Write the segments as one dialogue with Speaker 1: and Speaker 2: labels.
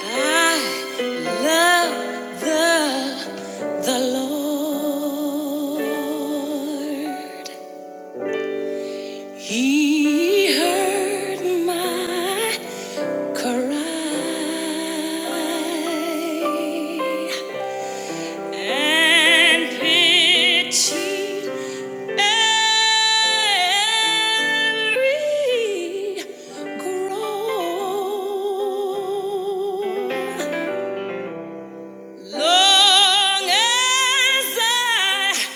Speaker 1: I love the the Lord. He heard my cry and pitied every groan. Long as I,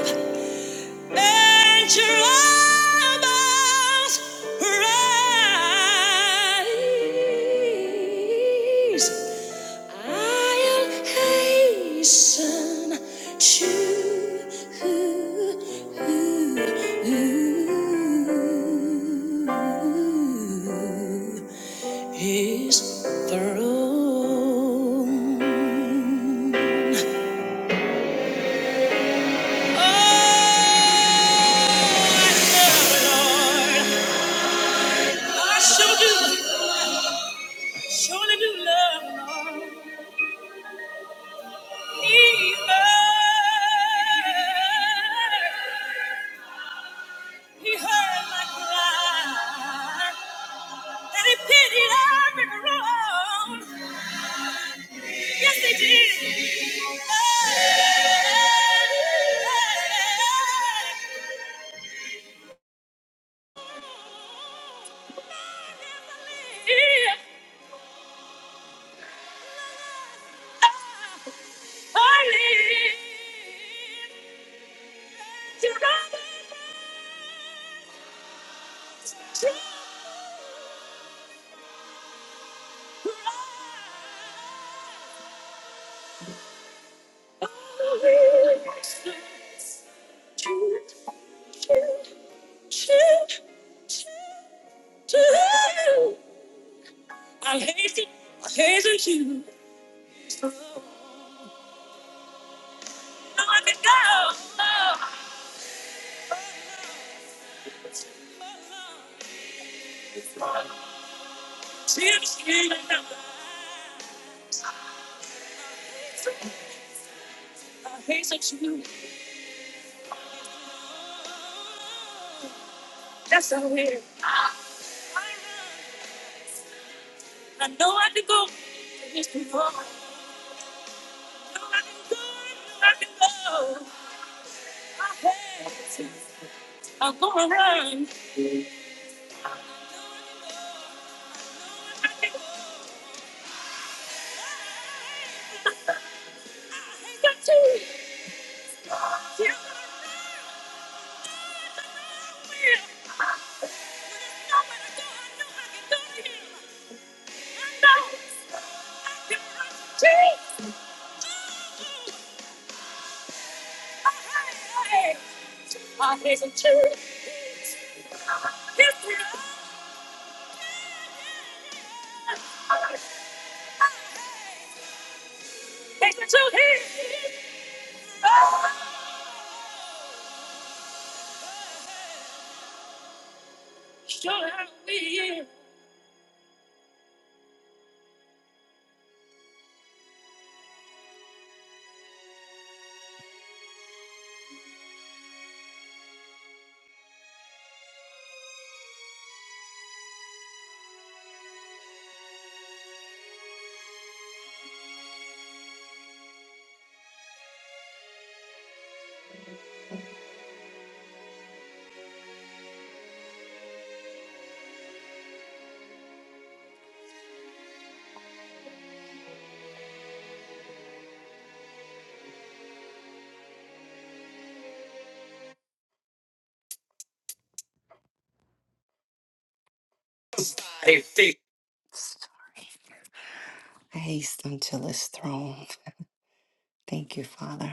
Speaker 1: I live, and your rise. I'll hasten to his throne. Oh, I love the Lord. I sure do, surely do love him. He heard, he heard my cry, and he pitied every wrong. Yes, he did. If I live to know I hate you. I hate you. Now let me go. Tears came in my eyes. I hated you. That's so weird. I know I can go. Yes, I know I can go. I know I can go. I have to. I'm gonna run. I can go. I got to. Yeah, I'm I hate the truth. Haste until his throne. Thank you, Father.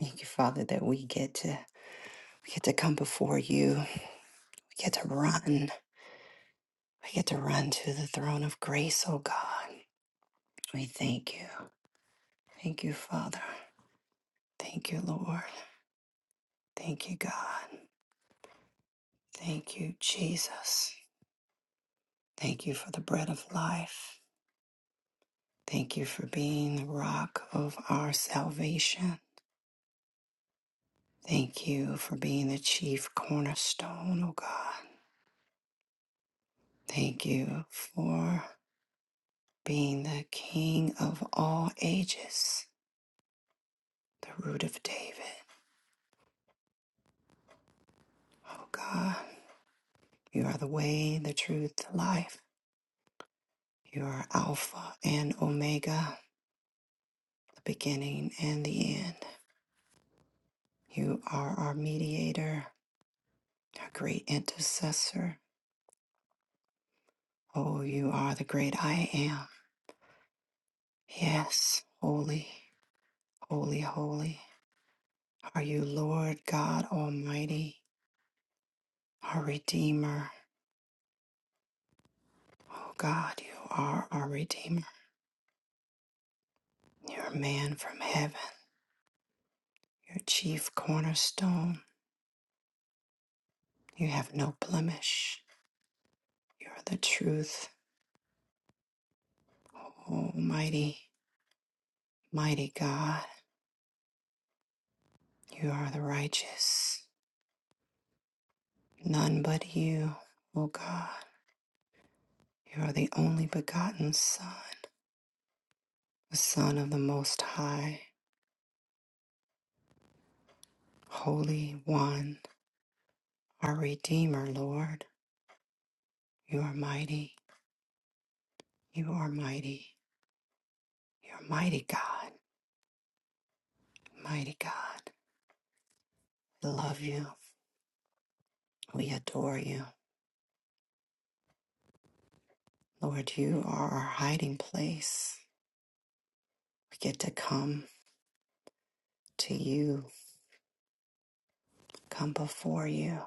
Speaker 1: Thank you, Father, that we get to we get to come before you. We get to run. We get to run to the throne of grace, oh God. We thank you. Thank you, Father. Thank you, Lord. Thank you, God. Thank you, Jesus. Thank you for the bread of life. Thank you for being the rock of our salvation. Thank you for being the chief cornerstone, O God. Thank you for being the King of all ages, the root of David. O God, you are the way, the truth, the life. You are Alpha and Omega, the beginning and the end. You are our mediator, our great intercessor. Oh, you are the great I am. Yes, holy, holy, holy are you, Lord God Almighty, our Redeemer. Oh God, you are our Redeemer. You're a man from heaven, your chief cornerstone. You have no blemish. You are the truth, Almighty, mighty God. You are the righteous. None but you, O God. You are the only begotten Son, the Son of the Most High, Holy One. our Redeemer, Lord. You are mighty. You are mighty. You're mighty God. Mighty God. We love you. We adore you. Lord, you are our hiding place. We get to come to you, come before you.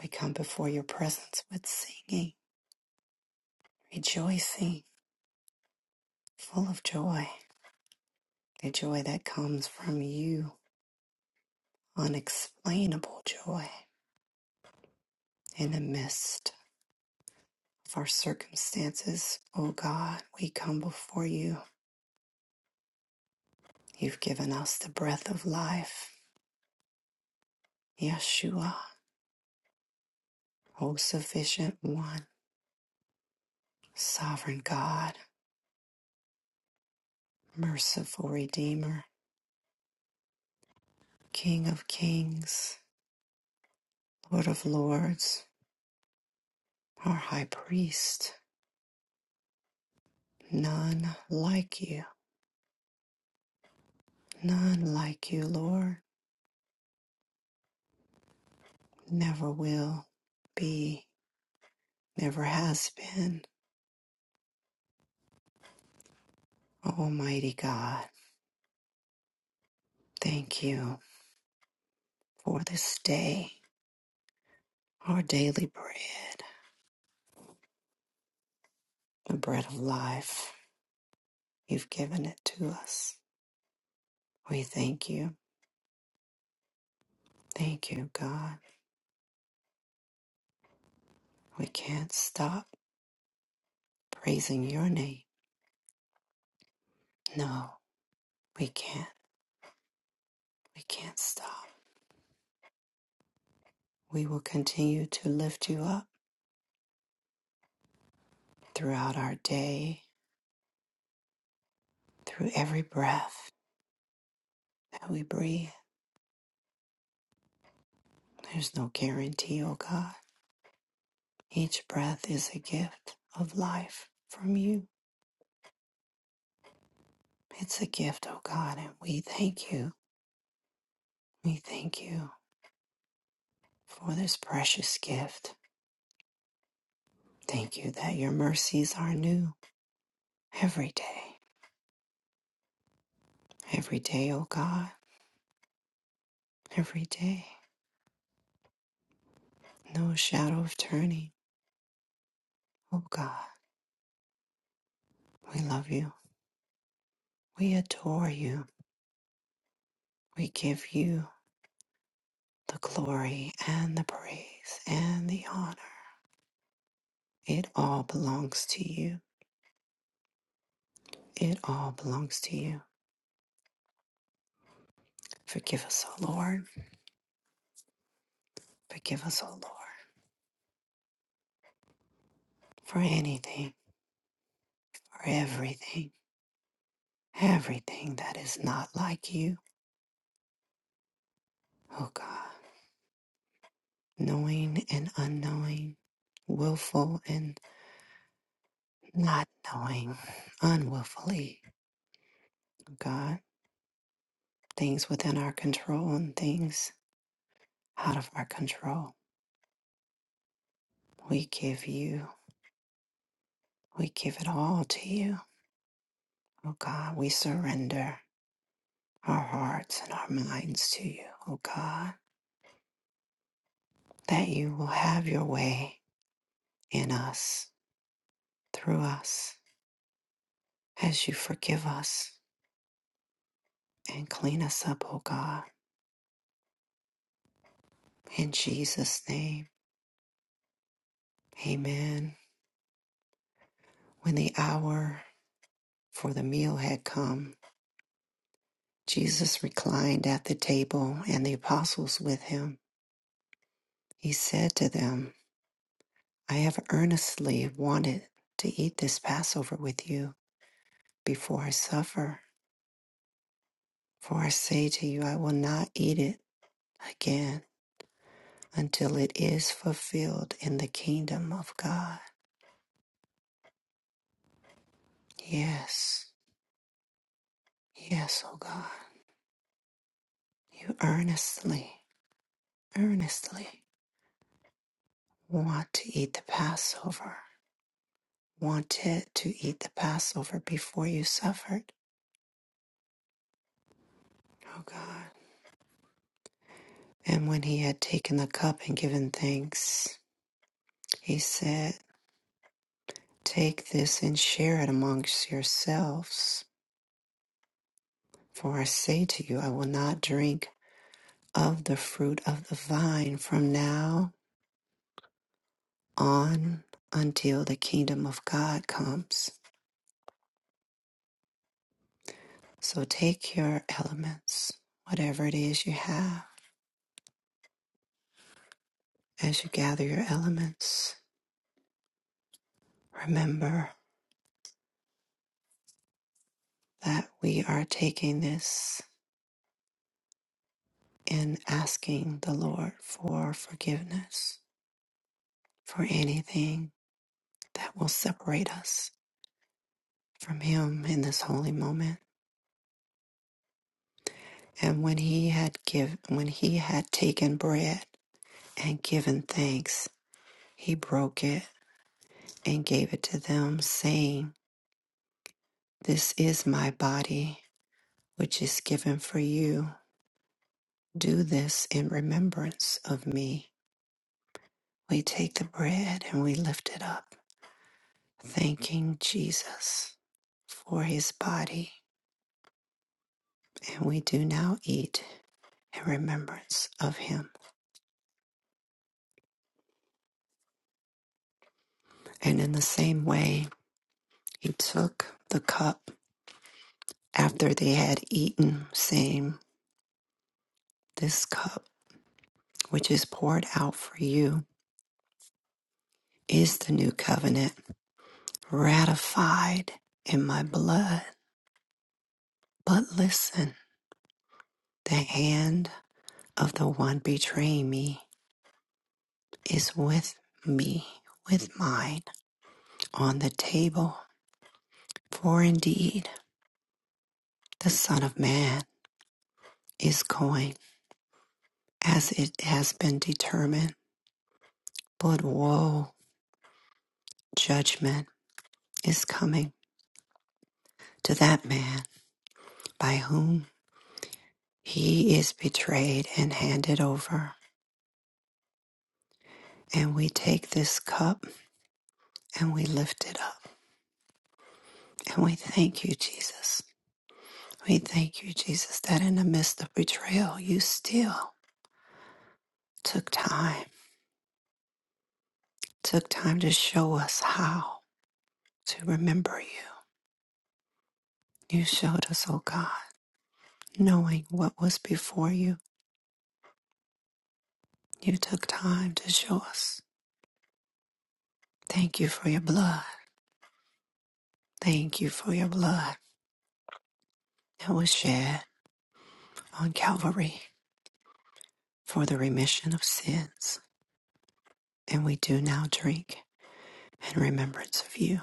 Speaker 1: We come before your presence with singing, rejoicing, full of joy. The joy that comes from you, unexplainable joy in the midst. of our circumstances. O God, we come before you. You've given us the breath of life. Yeshua, O sufficient one, sovereign God, merciful Redeemer, King of kings, Lord of lords, our high priest. None like you, none like you, Lord. Never will be, never has been. Almighty God, thank you for this day. Our daily bread, the bread of life, you've given it to us. We thank you. Thank you, God. We can't stop praising your name. No, we can't. We can't stop. We will continue to lift you up throughout our day, through every breath that we breathe. There's no guarantee, oh God. Each breath is a gift of life from you. It's a gift, oh God, and we thank you. We thank you. for this precious gift. Thank you that your mercies are new every day, every day, O God, every day. No shadow of turning, O God. We love you. We adore you. We give you the glory and the praise and the honor. It all belongs to you. It all belongs to you. Forgive us, O Lord. Forgive us, O Lord, for anything, for everything, everything that is not like you, O God knowing and unknowing, willful and not knowing, unwillfully, God, things within our control and things out of our control. We give you, we give it all to you, oh God. We surrender our hearts and our minds to you, oh God, that you will have your way in us, through us, as you forgive us and clean us up, oh God. In Jesus' name, amen. When the hour for the meal had come, Jesus reclined at the table and the apostles with him. He said to them, I have earnestly wanted to eat this Passover with you before I suffer. For I say to you, I will not eat it again until it is fulfilled in the kingdom of God. Yes, yes, O God, you earnestly, earnestly want to eat the Passover wanted to eat the Passover before you suffered. Oh God. And when he had taken the cup and given thanks, he said, Take this and share it amongst yourselves. For I say to you, I will not drink of the fruit of the vine from now on until the kingdom of God comes. So take your elements, whatever it is you have, as you gather your elements. Remember. that we are taking this and asking the Lord for forgiveness for anything that will separate us from him in this holy moment. And when he had given when he had taken bread and given thanks, he broke it and gave it to them, saying, This is my body, which is given for you. Do this in remembrance of me. We take the bread and we lift it up thanking Jesus for his body, and we do now eat in remembrance of him. And in the same way, he took the cup after they had eaten, saying, This cup, which is poured out for you, is the new covenant ratified in my blood. But listen, the hand of the one betraying me is with me, with mine, on the table. For indeed the Son of Man is going as it has been determined, but woe, judgment is coming to that man by whom he is betrayed and handed over. And we take this cup and we lift it up. And we thank you, Jesus. We thank you, Jesus, that in the midst of betrayal, you still took time, took time to show us how to remember you. You showed us, oh God. knowing what was before you. You took time to show us. Thank you for your blood. Thank you for your blood that was shed on Calvary for the remission of sins. And we do now drink in remembrance of you.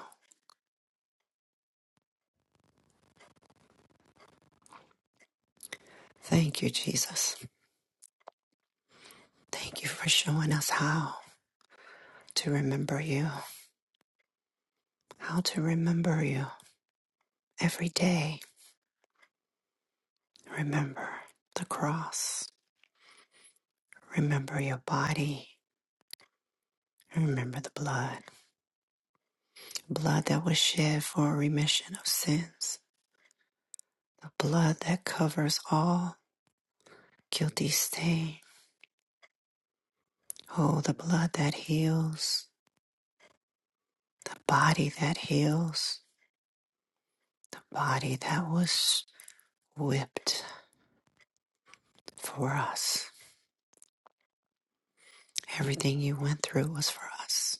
Speaker 1: Thank you, Jesus. Thank you for showing us how to remember you, how to remember you every day. Remember the cross. Remember your body. Remember the blood. blood that was shed for remission of sins, the blood that covers all guilty stain. Oh, the blood that heals, the body that heals, the body that was whipped for us. Everything you went through was for us.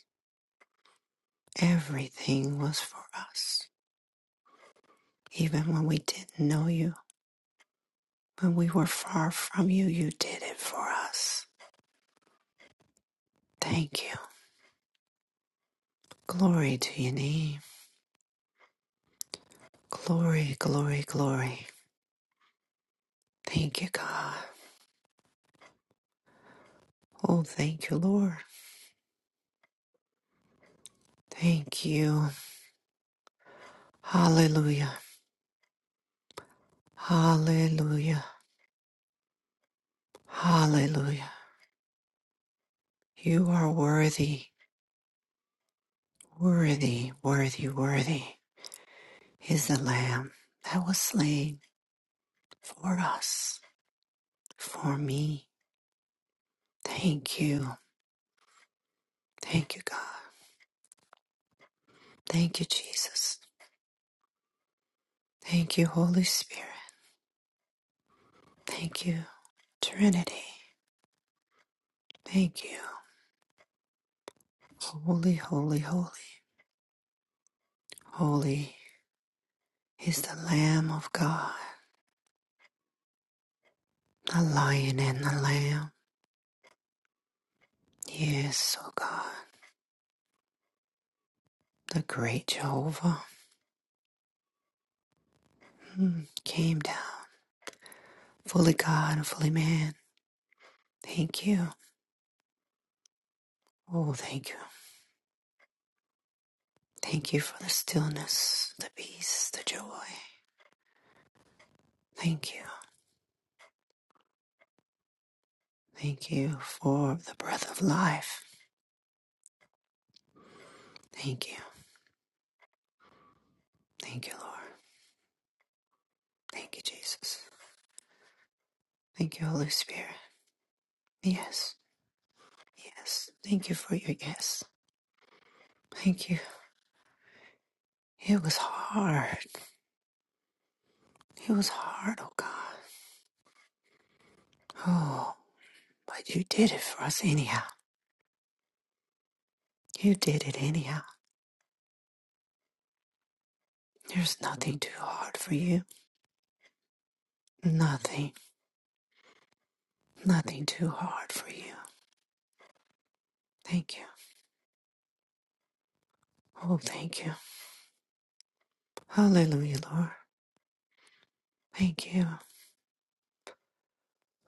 Speaker 1: Everything was for us. Even when we didn't know you, when we were far from you, you did it for us. Thank you. Glory to your name. Glory, glory, glory. Thank you, God. Oh, thank you, Lord. Thank you. Hallelujah. Hallelujah. Hallelujah. You are worthy, worthy, worthy, worthy is the Lamb that was slain for us, for me. Thank you. Thank you, God. Thank you, Jesus. Thank you, Holy Spirit. Thank you, Trinity. Thank you. Holy, holy, holy. Holy is the Lamb of God. The lion and the lamb. Yes, oh God. The great Jehovah mm, came down, fully God and fully man. Thank you. Oh, thank you. Thank you for the stillness, the peace, the joy. Thank you. Thank you for the breath of life. Thank you. Thank you, Lord. Thank you, Jesus. Thank you, Holy Spirit. Yes. Yes. Thank you for your yes. Thank you. It was hard. It was hard, oh God. Oh. But you did it for us anyhow. You did it anyhow. There's nothing too hard for you. Nothing. Nothing too hard for you. Thank you. Oh, thank you. Hallelujah, Lord. Thank you.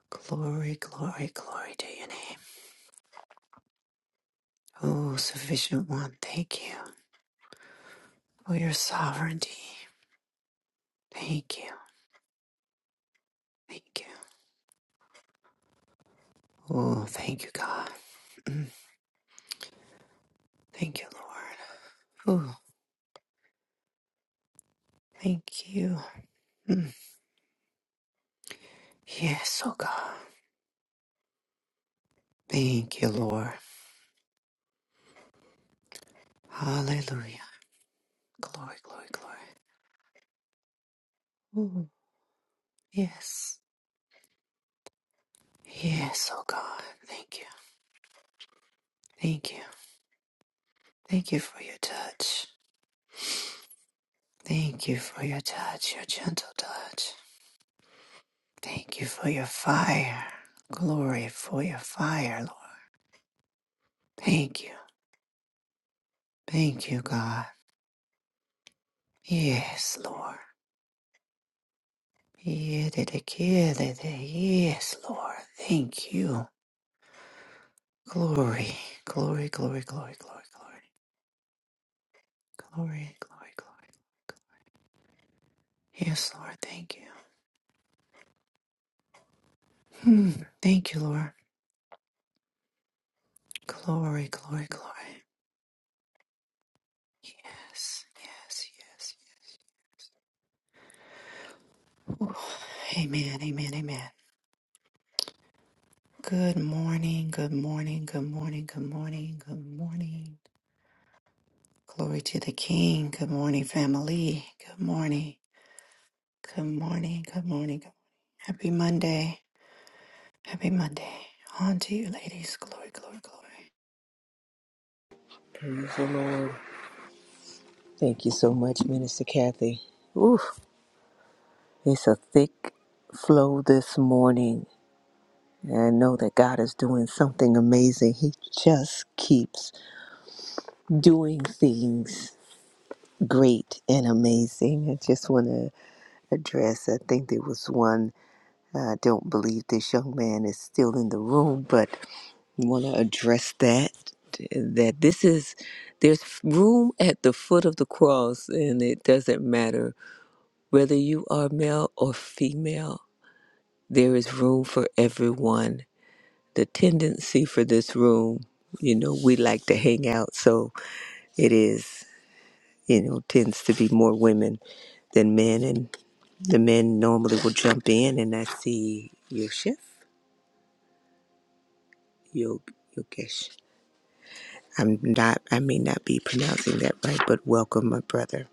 Speaker 1: Glory, glory, glory to your name. Oh, sufficient one. Thank you for your sovereignty. Thank you. Thank you. Oh, thank you, God. Thank you, Lord. Oh, thank you. Yes, oh God. Thank you, Lord. Hallelujah. Glory, glory, glory. Yes. Yes, oh God. Thank you. Thank you. Thank you for your touch. Thank you for your touch, your gentle touch. Thank you for your fire. Glory for your fire, Lord. Thank you. Thank you, God. Yes, Lord. Yes, Lord. Thank you. Glory, glory, glory, glory, glory, glory, glory, glory, glory. Yes, Lord. Thank you. Hmm. Thank you, Lord. Glory, glory, glory. Yes, yes, yes, yes. Ooh, amen, amen, amen. Good morning, good morning, good morning, good morning, good morning. Glory to the King. Good morning, family. Good morning, good morning, good morning. Good Happy Monday. Happy Monday. On to you, ladies. Glory, glory, glory.
Speaker 2: Praise the Lord. Thank you so much, Minister Kathy. Oof, it's a thick flow this morning. And I know that God is doing something amazing. He just keeps doing things great and amazing. I just want to address, I think there was one, I don't believe this young man is still in the room, but want to address that. That this is, there's room at the foot of the cross, and it doesn't matter Whether you are male or female, there is room for everyone. The tendency for this room, you know, we like to hang out, so it is, you know, tends to be more women than men, and the men normally will jump in. And I see your chef, Yog Yogesh. I'm not, I may not be pronouncing that right, but welcome, my brother,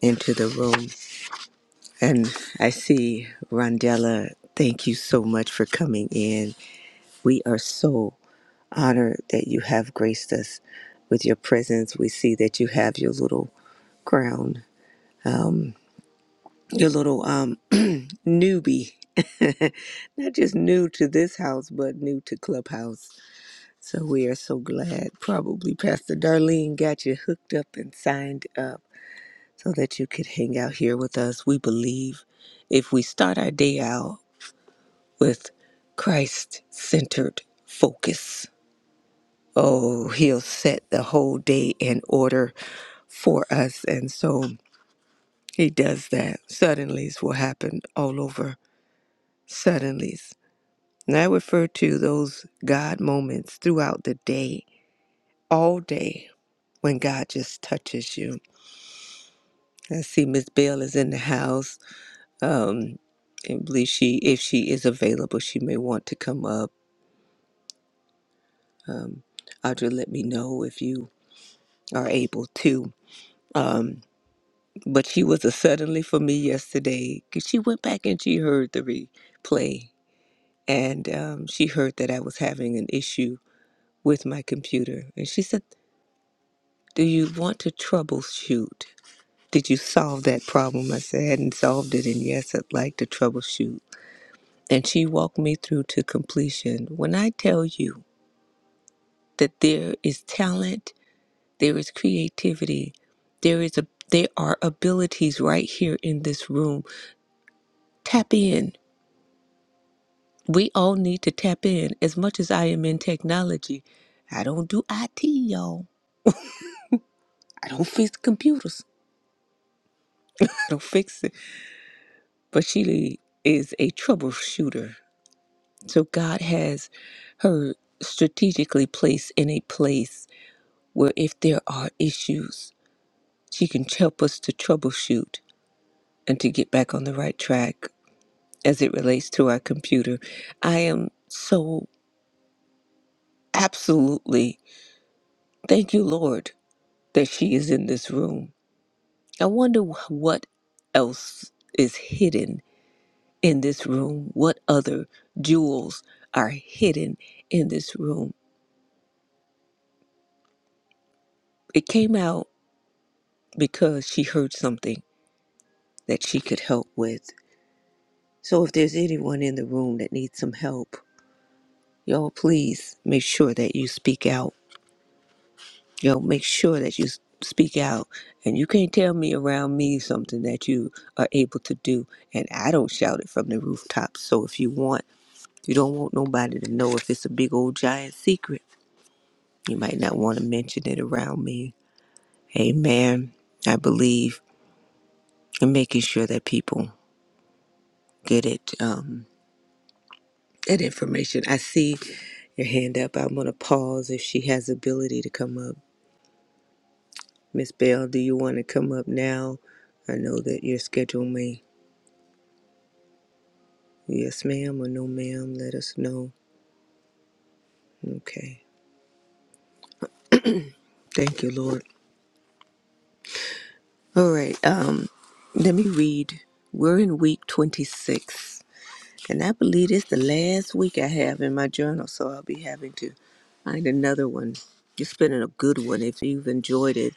Speaker 2: into the room. And I see Rondella. Thank you so much for coming in. We are so honor that you have graced us with your presence. We see that you have your little crown, your little um newbie. Not just new to this house, but new to Clubhouse. So we are so glad. Probably Pastor Darlene got you hooked up and signed up so that you could hang out here with us. We believe if we start our day out with Christ centered focus, oh, he'll set the whole day in order for us. And so he does that. Suddenlies will happen all over. Suddenlies. And I refer to those God moments throughout the day, all day, when God just touches you. I see Miss Bell is in the house. Um, I believe she, if she is available, she may want to come up. Um, Audra, let me know if you are able to. Um, but she was a suddenly for me yesterday. 'cause She went back and she heard the replay and um, she heard that I was having an issue with my computer. And she said, Do you want to troubleshoot? Did you solve that problem? I said, I hadn't solved it, and yes, I'd like to troubleshoot. And she walked me through to completion. When I tell you that there is talent, there is creativity, there is a there are abilities right here in this room. Tap in. We all need to tap in. As much as I am in technology, I don't do IT, y'all. I don't fix computers. I don't fix it. But she is a troubleshooter. So God has her strategically placed in a place where if there are issues, she can help us to troubleshoot and to get back on the right track as it relates to our computer. I am so absolutely thank you, Lord, that she is in this room. I wonder wh- what else is hidden in this room? What other jewels are hidden in this room? It came out because she heard something that she could help with. So if there's anyone in the room that needs some help, y'all please make sure that you speak out. Y'all make sure that you s- speak out. And you can't tell me around me something that you are able to do. And I don't shout it from the rooftops. So if you want, you don't want nobody to know if it's a big old giant secret. You might not want to mention it around me. Amen. I believe in making sure that people get it, um, that information. I see your hand up. I'm going to pause if she has ability to come up. Miss Bell, do you want to come up now? I know that your schedule may, yes, ma'am, or no, ma'am. Let us know. Okay. Thank you, Lord. All right. Um, let me read. We're in week 26, and I believe it's the last week I have in my journal, so I'll be having to find another one. It's been a good one if you've enjoyed it.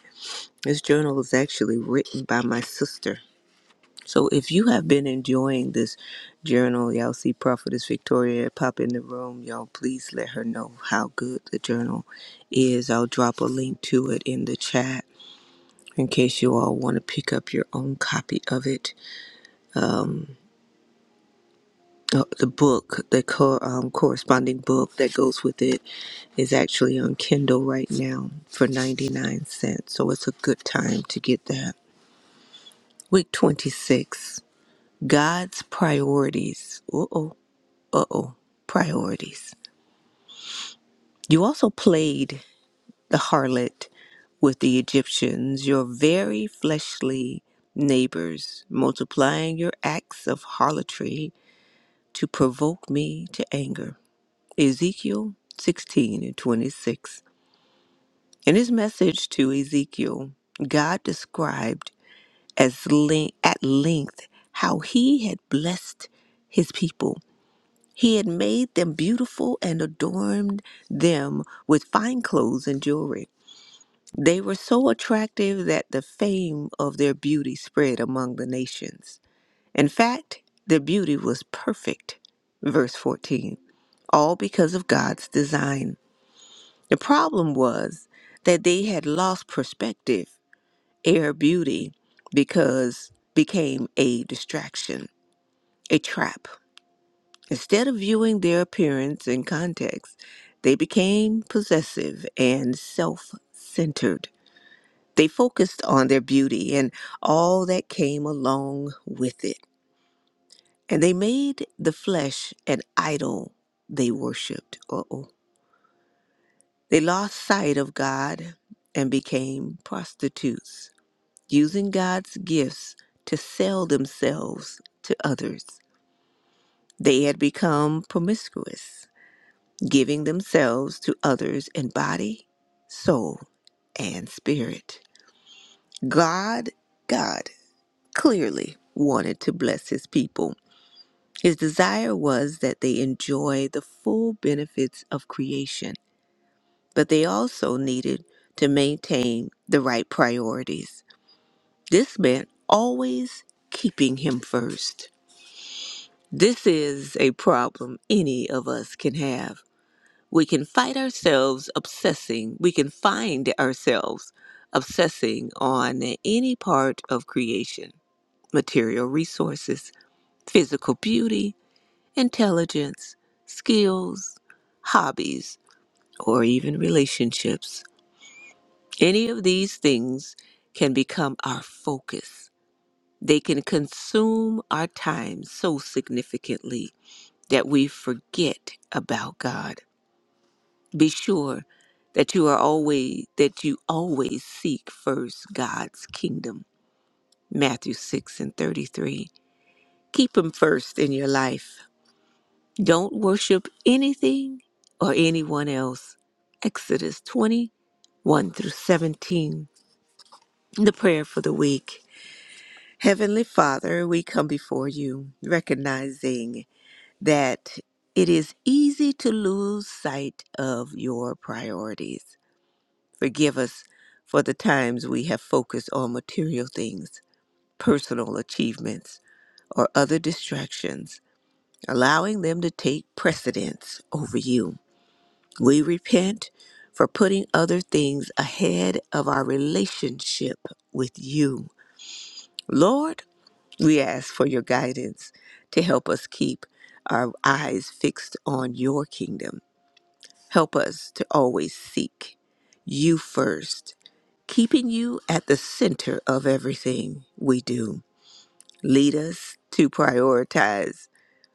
Speaker 2: This journal is actually written by my sister. So if you have been enjoying this journal, y'all see Prophetess Victoria pop in the room, y'all please let her know how good the journal is. I'll drop a link to it in the chat in case you all want to pick up your own copy of it. Um, uh, the book, the co- um, corresponding book that goes with it, is actually on Kindle right now for 99 cents. So it's a good time to get that. Week 26 God's Priorities. Uh oh, uh oh, priorities. You also played the harlot with the Egyptians, your very fleshly neighbors, multiplying your acts of harlotry to provoke me to anger. Ezekiel 16 and 26. In his message to Ezekiel, God described as le- at length how he had blessed his people. He had made them beautiful and adorned them with fine clothes and jewelry. They were so attractive that the fame of their beauty spread among the nations. In fact, their beauty was perfect. Verse 14. All because of God's design. The problem was that they had lost perspective. Air beauty because became a distraction, a trap. Instead of viewing their appearance in context, they became possessive and self-centered. They focused on their beauty and all that came along with it. And they made the flesh an idol they worshiped. Uh-oh. They lost sight of God and became prostitutes using God's gifts to sell themselves to others. They had become promiscuous, giving themselves to others in body, soul, and spirit. God, God clearly wanted to bless his people. His desire was that they enjoy the full benefits of creation, but they also needed to maintain the right priorities. This meant always keeping him first. This is a problem any of us can have. We can fight ourselves obsessing, we can find ourselves obsessing on any part of creation material resources, physical beauty, intelligence, skills, hobbies, or even relationships. Any of these things can become our focus. They can consume our time so significantly that we forget about God. Be sure that you are always that you always seek first God's kingdom. Matthew 6 and 33. Keep him first in your life. Don't worship anything or anyone else. Exodus twenty-one through 17. The prayer for the week. Heavenly Father, we come before you, recognizing that it is easy to lose sight of your priorities. Forgive us for the times we have focused on material things, personal achievements, or other distractions, allowing them to take precedence over you. We repent for putting other things ahead of our relationship with you. Lord, we ask for your guidance to help us keep our eyes fixed on your kingdom Help us to always seek you first, keeping you at the center of everything we do. Lead us to prioritize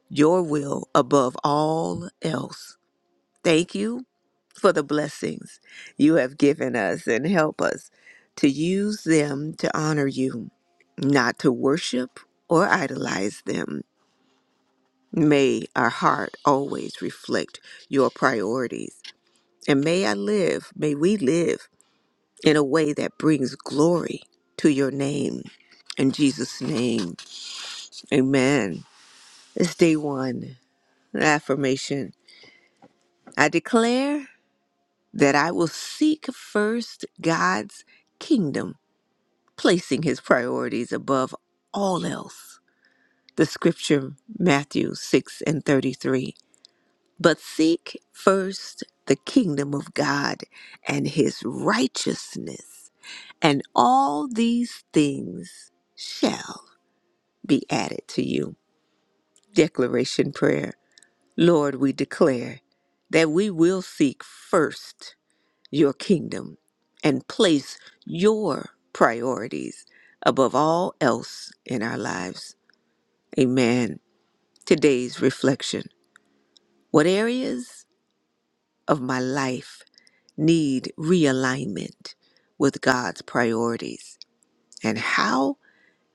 Speaker 2: your will above all else. Thank you for the blessings you have given us and help us to use them to honor you, not to worship or idolize them. May our heart always reflect your priorities. And may I live, may we live in a way that brings glory to your name. In Jesus' name, amen. It's day one, affirmation. I declare that I will seek first God's kingdom, placing his priorities above all else. The scripture, Matthew 6 and 33. But seek first the kingdom of God and his righteousness, and all these things shall be added to you. Declaration prayer. Lord, we declare that we will seek first your kingdom and place your priorities above all else in our lives. Amen. Today's reflection. What areas of my life need realignment with God's priorities? And how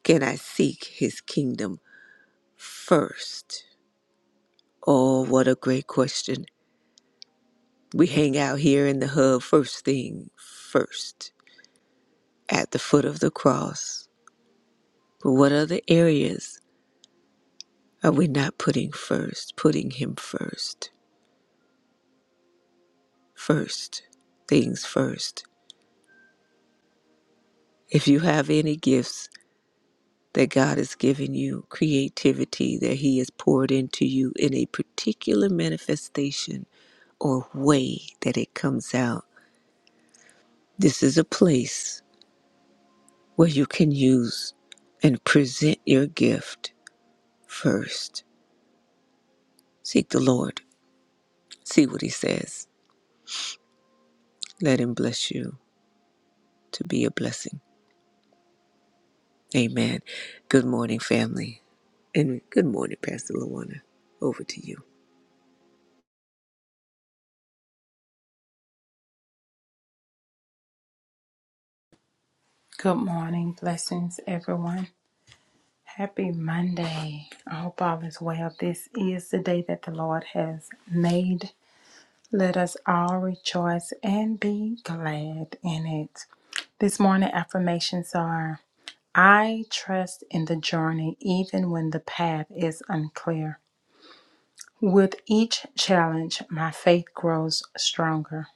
Speaker 2: can I seek his kingdom first? Oh, what a great question. We hang out here in the hub first thing first at the foot of the cross. But what other areas are we not putting first? Putting Him first. First. Things first. If you have any gifts that God has given you, creativity that He has poured into you in a particular manifestation or way that it comes out, this is a place where you can use and present your gift first Seek the Lord. See what He says. Let Him bless you to be a blessing. Amen. Good morning, family. And good morning, Pastor Luana. Over to you.
Speaker 3: Good morning, blessings, everyone. Happy Monday. I hope all is well. This is the day that the Lord has made. Let us all rejoice and be glad in it. This morning, affirmations are I trust in the journey, even when the path is unclear. With each challenge, my faith grows stronger.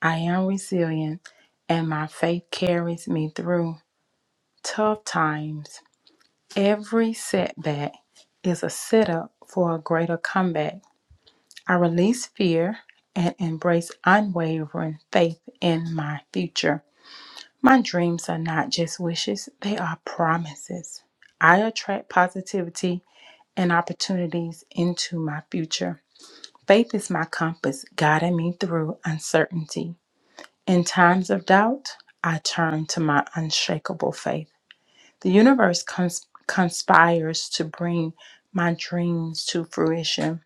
Speaker 3: I am resilient, and my faith carries me through tough times. Every setback is a setup for a greater comeback. I release fear and embrace unwavering faith in my future. My dreams are not just wishes, they are promises. I attract positivity and opportunities into my future. Faith is my compass, guiding me through uncertainty. In times of doubt, I turn to my unshakable faith. The universe cons- conspires to bring my dreams to fruition.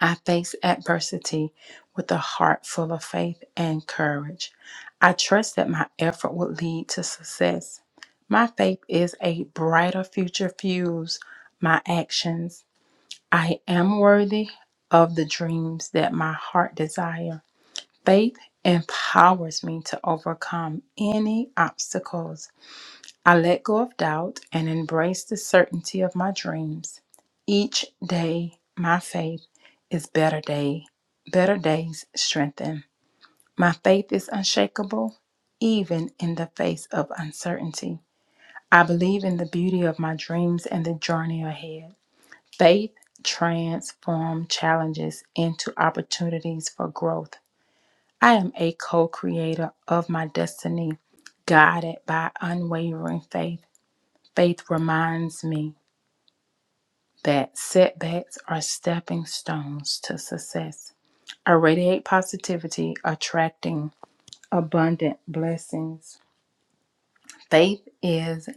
Speaker 3: I face adversity with a heart full of faith and courage. I trust that my effort will lead to success. My faith is a brighter future fuse my actions. I am worthy of the dreams that my heart desire. Faith empowers me to overcome any obstacles I let go of doubt and embrace the certainty of my dreams. Each day, my faith is better day, better days strengthen. My faith is unshakable, even in the face of uncertainty. I believe in the beauty of my dreams and the journey ahead. Faith transforms challenges into opportunities for growth. I am a co creator of my destiny, guided by unwavering faith. Faith reminds me that setbacks are stepping stones to success. I radiate positivity, attracting abundant blessings. Faith is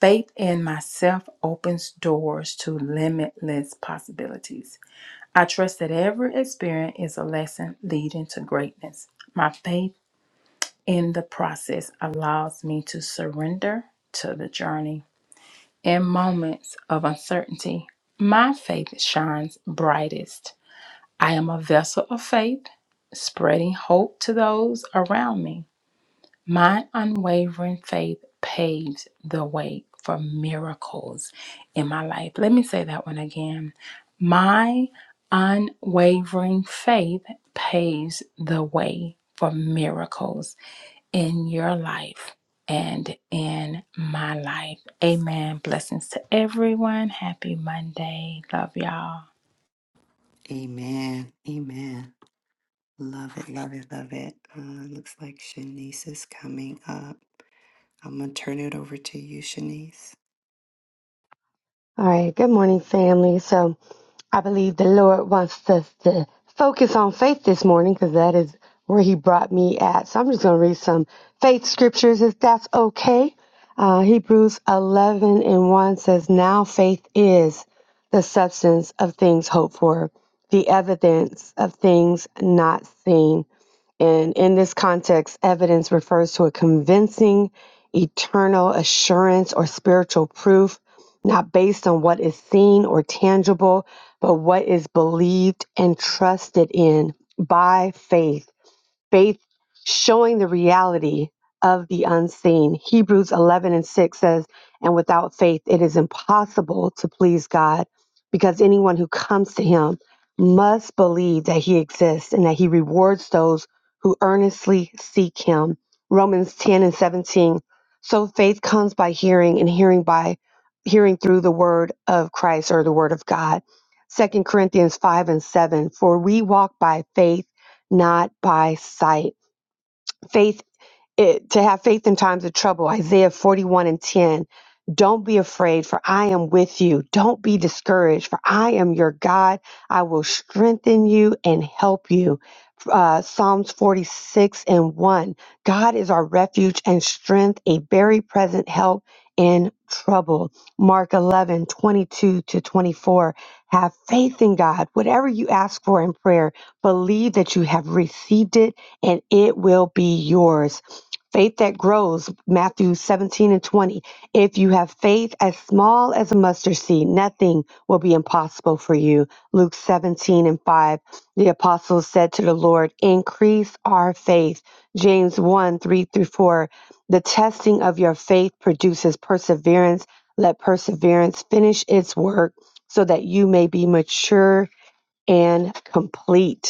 Speaker 3: faith in myself opens doors to limitless possibilities. I trust that every experience is a lesson leading to greatness. My faith in the process allows me to surrender to the journey. In moments of uncertainty, my faith shines brightest. I am a vessel of faith, spreading hope to those around me. My unwavering faith paves the way for miracles in my life. Let me say that one again. My unwavering faith paves the way for miracles in your life and in my life. Amen. Blessings to everyone. Happy Monday. Love y'all.
Speaker 1: Amen, amen. Love it, love it, love it. Uh, looks like Shanice is coming up. I'm gonna turn it over to you, Shanice.
Speaker 4: All right, good morning, family. So I believe the Lord wants us to focus on faith this morning because that is where He brought me at. So I'm just going to read some faith scriptures if that's okay. Uh, Hebrews 11 and 1 says, Now faith is the substance of things hoped for, the evidence of things not seen. And in this context, evidence refers to a convincing, eternal assurance or spiritual proof not based on what is seen or tangible, but what is believed and trusted in by faith faith showing the reality of the unseen. Hebrews 11 and 6 says, And without faith, it is impossible to please God because anyone who comes to him must believe that he exists and that he rewards those who earnestly seek him. Romans 10 and 17. So faith comes by hearing, and hearing by hearing through the word of Christ or the word of God. Second Corinthians 5 and 7. For we walk by faith not by sight. Faith it, to have faith in times of trouble. Isaiah 41 and 10. Don't be afraid, for I am with you. Don't be discouraged, for I am your God. I will strengthen you and help you. Uh, Psalms 46 and 1. God is our refuge and strength, a very present help in trouble. Mark 11 22 to 24. Have faith in God. Whatever you ask for in prayer, believe that you have received it and it will be yours. Faith that grows, Matthew 17 and 20. If you have faith as small as a mustard seed, nothing will be impossible for you. Luke 17 and 5. The apostles said to the Lord, Increase our faith. James 1 3 through 4. The testing of your faith produces perseverance. Let perseverance finish its work so that you may be mature and complete.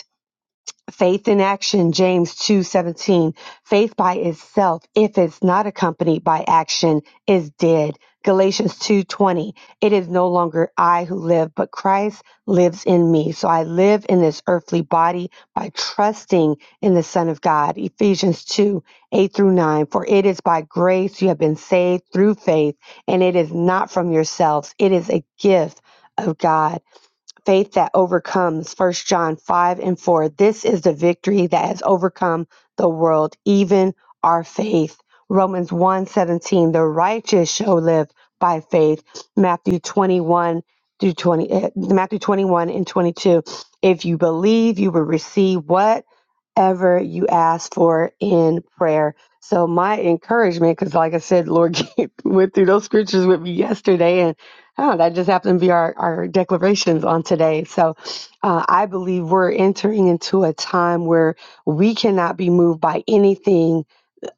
Speaker 4: Faith in action, James 2:17. Faith by itself, if it's not accompanied by action, is dead. Galatians 2:20. It is no longer I who live, but Christ lives in me. So I live in this earthly body by trusting in the Son of God. Ephesians 2, 8 through 9. For it is by grace you have been saved through faith, and it is not from yourselves. It is a gift of God faith that overcomes First john 5 and 4 this is the victory that has overcome the world even our faith romans one seventeen. the righteous shall live by faith matthew 21 through 20 eh, matthew 21 and 22 if you believe you will receive what ever you ask for in prayer. So my encouragement, because like I said, Lord went through those scriptures with me yesterday, and oh, that just happened to be our, our declarations on today. So uh, I believe we're entering into a time where we cannot be moved by anything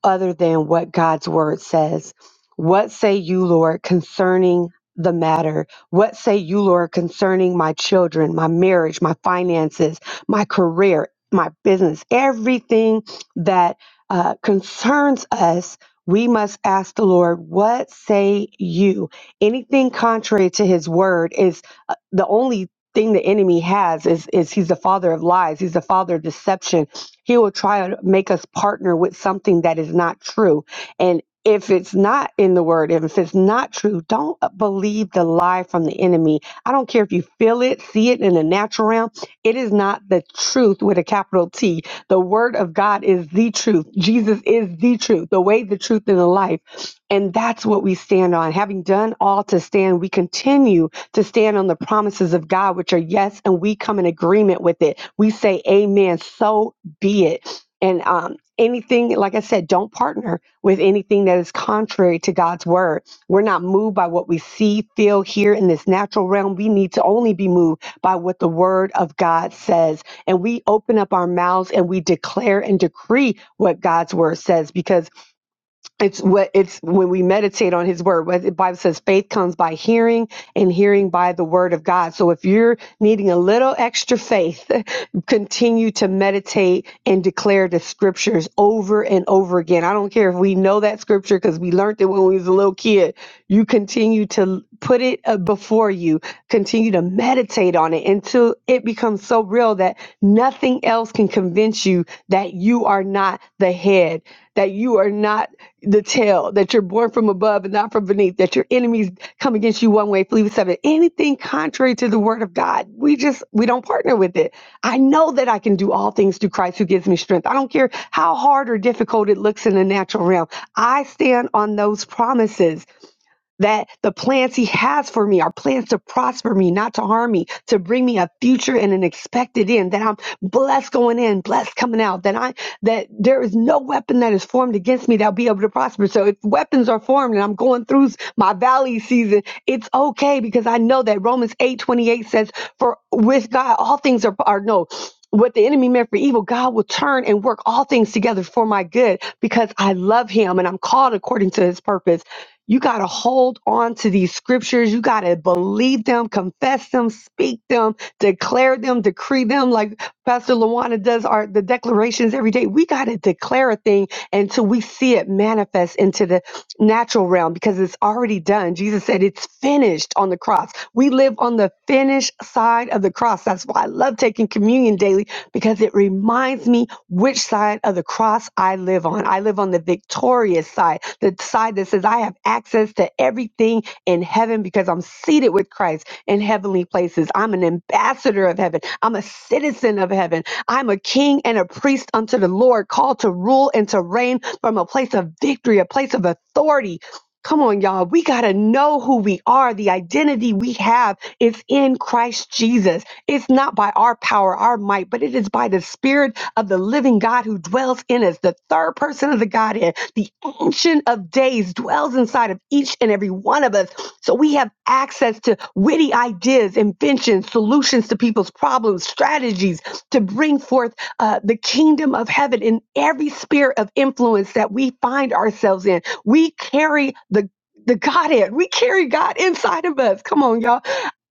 Speaker 4: other than what God's word says. What say you, Lord, concerning the matter? What say you, Lord, concerning my children, my marriage, my finances, my career, my business, everything that uh, concerns us? We must ask the Lord, what say you? Anything contrary to his word is uh, the only thing the enemy has is is he's the father of lies he's the father of deception he will try to make us partner with something that is not true. And if it's not in the word, if it's not true, don't believe the lie from the enemy. I don't care if you feel it, see it in the natural realm. It is not the truth with a capital T. The word of God is the truth. Jesus is the truth, the way, the truth, and the life. And that's what we stand on. Having done all to stand, we continue to stand on the promises of God, which are yes, and we come in agreement with it. We say, Amen. So be it. And um, anything, like I said, don't partner with anything that is contrary to God's word. We're not moved by what we see, feel, hear in this natural realm. We need to only be moved by what the word of God says. And we open up our mouths and we declare and decree what God's word says because it's what it's when we meditate on his word what the bible says faith comes by hearing and hearing by the word of god so if you're needing a little extra faith continue to meditate and declare the scriptures over and over again i don't care if we know that scripture because we learned it when we was a little kid you continue to put it uh, before you continue to meditate on it until it becomes so real that nothing else can convince you that you are not the head, that you are not the tail, that you're born from above and not from beneath, that your enemies come against you one way, flee with seven. Anything contrary to the word of God, we just we don't partner with it. I know that I can do all things through Christ who gives me strength. I don't care how hard or difficult it looks in the natural realm. I stand on those promises that the plans he has for me are plans to prosper me, not to harm me, to bring me a future and an expected end, that I'm blessed going in, blessed coming out, that I that there is no weapon that is formed against me that'll be able to prosper. So if weapons are formed and I'm going through my valley season, it's okay because I know that Romans 8 28 says, For with God all things are are no what the enemy meant for evil, God will turn and work all things together for my good because I love him and I'm called according to his purpose. You got to hold on to these scriptures. You got to believe them, confess them, speak them, declare them, decree them. Like Pastor Lawana does our the declarations every day. We got to declare a thing until we see it manifest into the natural realm because it's already done. Jesus said it's finished on the cross. We live on the finished side of the cross. That's why I love taking communion daily because it reminds me which side of the cross I live on. I I live on the victorious side, the side that says I have access to everything in heaven because I'm seated with Christ in heavenly places. I'm an ambassador of heaven. I'm a citizen of heaven. I'm a king and a priest unto the Lord, called to rule and to reign from a place of victory, a place of authority. Come on, y'all. We got to know who we are. The identity we have is in Christ Jesus. It's not by our power, our might, but it is by the Spirit of the living God who dwells in us, the third person of the Godhead, the Ancient of Days dwells inside of each and every one of us. So we have access to witty ideas, inventions, solutions to people's problems, strategies to bring forth uh, the kingdom of heaven in every sphere of influence that we find ourselves in. We carry the the Godhead. We carry God inside of us. Come on, y'all.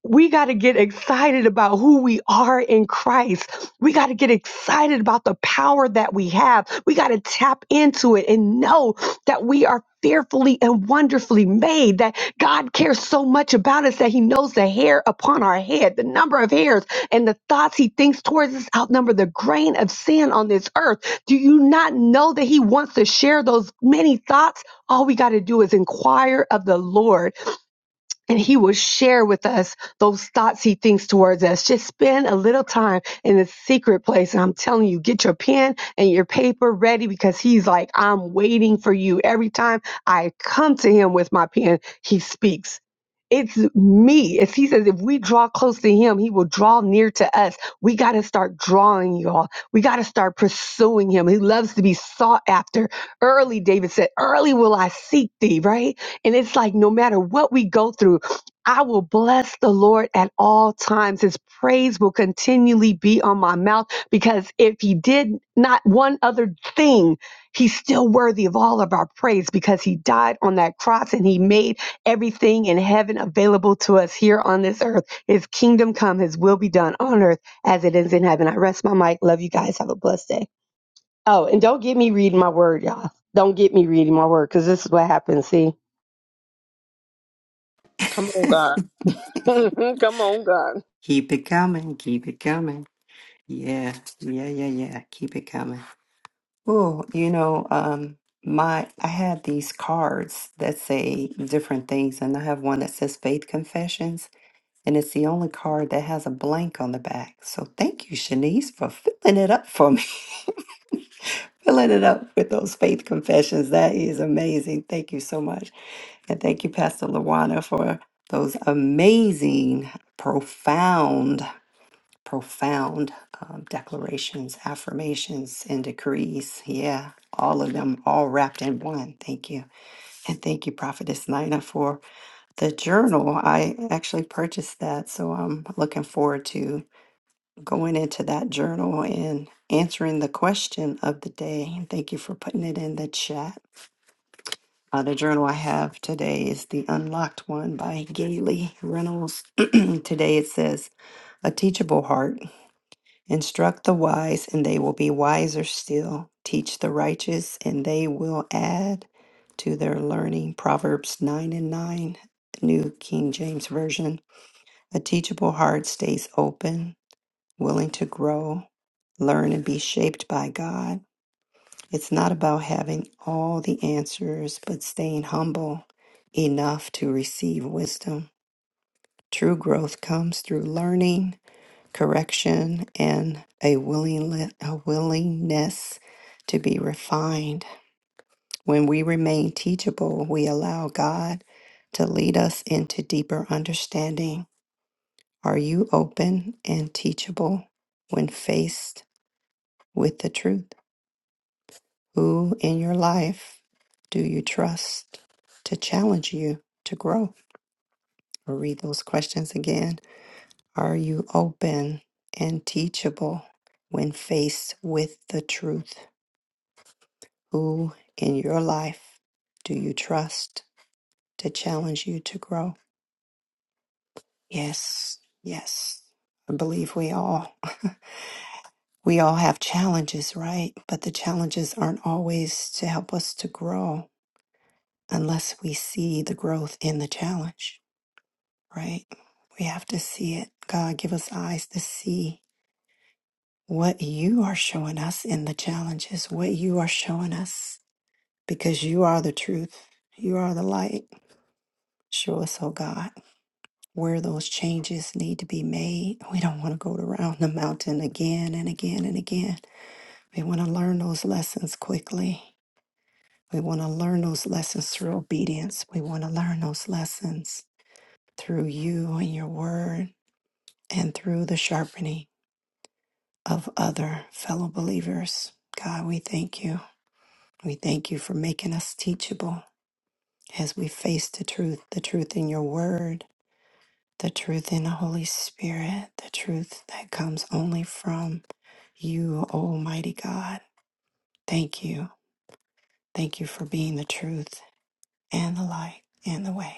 Speaker 4: We got to get excited about who we are in Christ we got to get excited about the power that we have. We got to tap into it and know that we are fearfully and wonderfully made, that God cares so much about us that He knows the hair upon our head, the number of hairs, and the thoughts He thinks towards us outnumber the grain of sand on this earth. Do you not know that He wants to share those many thoughts? All we got to do is inquire of the Lord and he will share with us those thoughts he thinks towards us. Just spend a little time in the secret place. And I'm telling you, get your pen and your paper ready because he's like, I'm waiting for you. Every time I come to him with my pen, he speaks. It's me. As he says, if we draw close to him, he will draw near to us. We got to start drawing, y'all. We got to start pursuing him. He loves to be sought after. Early, David said, early will I seek thee, right? And it's like no matter what we go through, I will bless the Lord at all times. His praise will continually be on my mouth because if he did not one other thing, he's still worthy of all of our praise because he died on that cross and he made everything in heaven available to us here on this earth. His kingdom come, his will be done on earth as it is in heaven. I rest my mic. Love you guys. Have a blessed day. Oh, and don't get me reading my word, y'all. Don't get me reading my word because this is what happens. See?
Speaker 2: Come on, God. Come on, God.
Speaker 1: Keep it coming, keep it coming. Yeah, yeah, yeah, yeah. Keep it coming. Oh, you know, um, my I had these cards that say different things, and I have one that says Faith Confessions, and it's the only card that has a blank on the back. So thank you, Shanice, for filling it up for me, filling it up with those faith confessions. That is amazing. Thank you so much. And thank you, Pastor Lawana, for those amazing, profound, profound um, declarations, affirmations, and decrees. Yeah, all of them all wrapped in one. Thank you. And thank you, Prophetess Nina, for the journal. I actually purchased that, so I'm looking forward to going into that journal and answering the question of the day. And thank you for putting it in the chat. Uh, the journal I have today is The Unlocked One by Gailey Reynolds. today it says, A teachable heart. Instruct the wise, and they will be wiser still. Teach the righteous, and they will add to their learning. Proverbs 9 and 9, New King James Version. A teachable heart stays open, willing to grow, learn, and be shaped by God. It's not about having all the answers, but staying humble enough to receive wisdom. True growth comes through learning, correction, and a, willing, a willingness to be refined. When we remain teachable, we allow God to lead us into deeper understanding. Are you open and teachable when faced with the truth? Who in your life do you trust to challenge you to grow? I'll read those questions again. Are you open and teachable when faced with the truth? Who in your life do you trust to challenge you to grow? Yes, yes. I believe we all we all have challenges, right? But the challenges aren't always to help us to grow unless we see the growth in the challenge. right? We have to see it. God, give us eyes to see what you are showing us in the challenges, what you are showing us, because you are the truth. You are the light. Show us, oh God, where those changes need to be made. We don't want to go around the mountain again and again and again. We want to learn those lessons quickly. We want to learn those lessons through obedience. We want to learn those lessons through you and your word and through the sharpening. of other fellow believers. God, we thank you. We thank you for making us teachable as we face the truth, the truth in your word, the truth in the Holy Spirit, the truth that comes only from you, Almighty God. Thank you. Thank you for being the truth and the light and the way.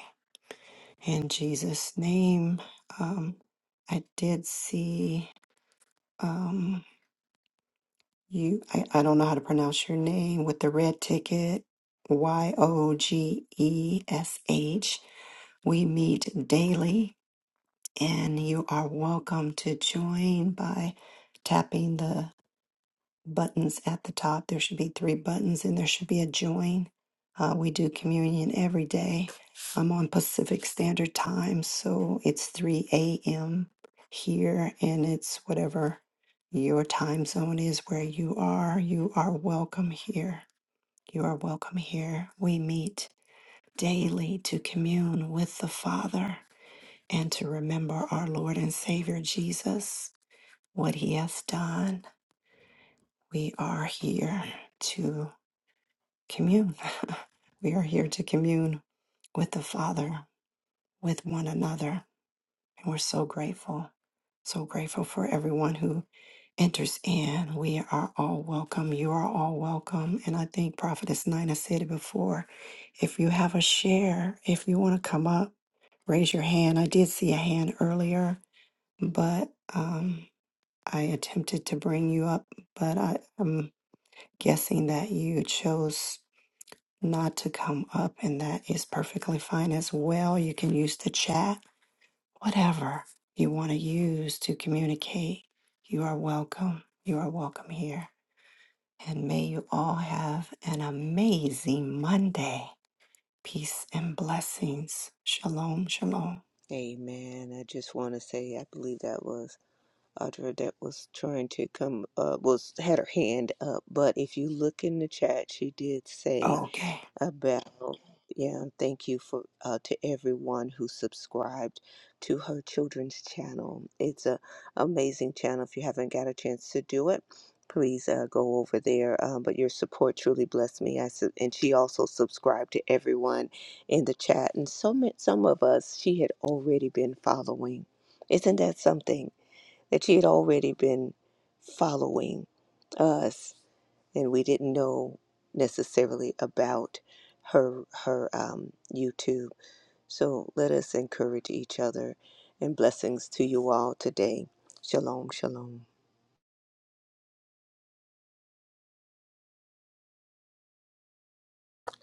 Speaker 1: In Jesus' name, um, I did see. um, You, I, I don't know how to pronounce your name with the red ticket. Y O G E S H. We meet daily, and you are welcome to join by tapping the buttons at the top. There should be three buttons and there should be a join. Uh, we do communion every day. I'm on Pacific Standard Time, so it's 3 a.m. here and it's whatever your time zone is where you are. You are welcome here. You are welcome here. We meet daily to commune with the Father and to remember our Lord and Savior Jesus, what he has done. We are here to. commune. we are here to commune with the Father, with one another. And we're so grateful, so grateful for everyone who enters in. We are all welcome. You are all welcome. And I think Prophetess Nina said it before. If you have a share, if you want to come up, raise your hand. I did see a hand earlier, but um, I attempted to bring you up, but I, I'm guessing that you chose. not to come up, and that is perfectly fine as well. You can use the chat, whatever you want to use to communicate. You are welcome. You are welcome here. And may you all have an amazing Monday. Peace and blessings. Shalom, shalom.
Speaker 2: Amen. I just want to say, I believe that was Audra that was trying to come, uh, was had her hand up. But if you look in the chat, she did say
Speaker 1: Okay.
Speaker 2: about yeah and thank you for uh, to everyone who subscribed to her children's channel it's a amazing channel if you haven't got a chance to do it please uh, go over there um, but your support truly blessed me I su- and she also subscribed to everyone in the chat and so ma- some of us she had already been following isn't that something that she had already been following us and we didn't know necessarily about her her um, YouTube. So let us encourage each other, and blessings to you all today. Shalom, shalom.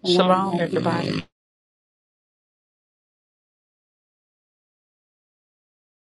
Speaker 4: Shalom.
Speaker 3: Shalom, everybody.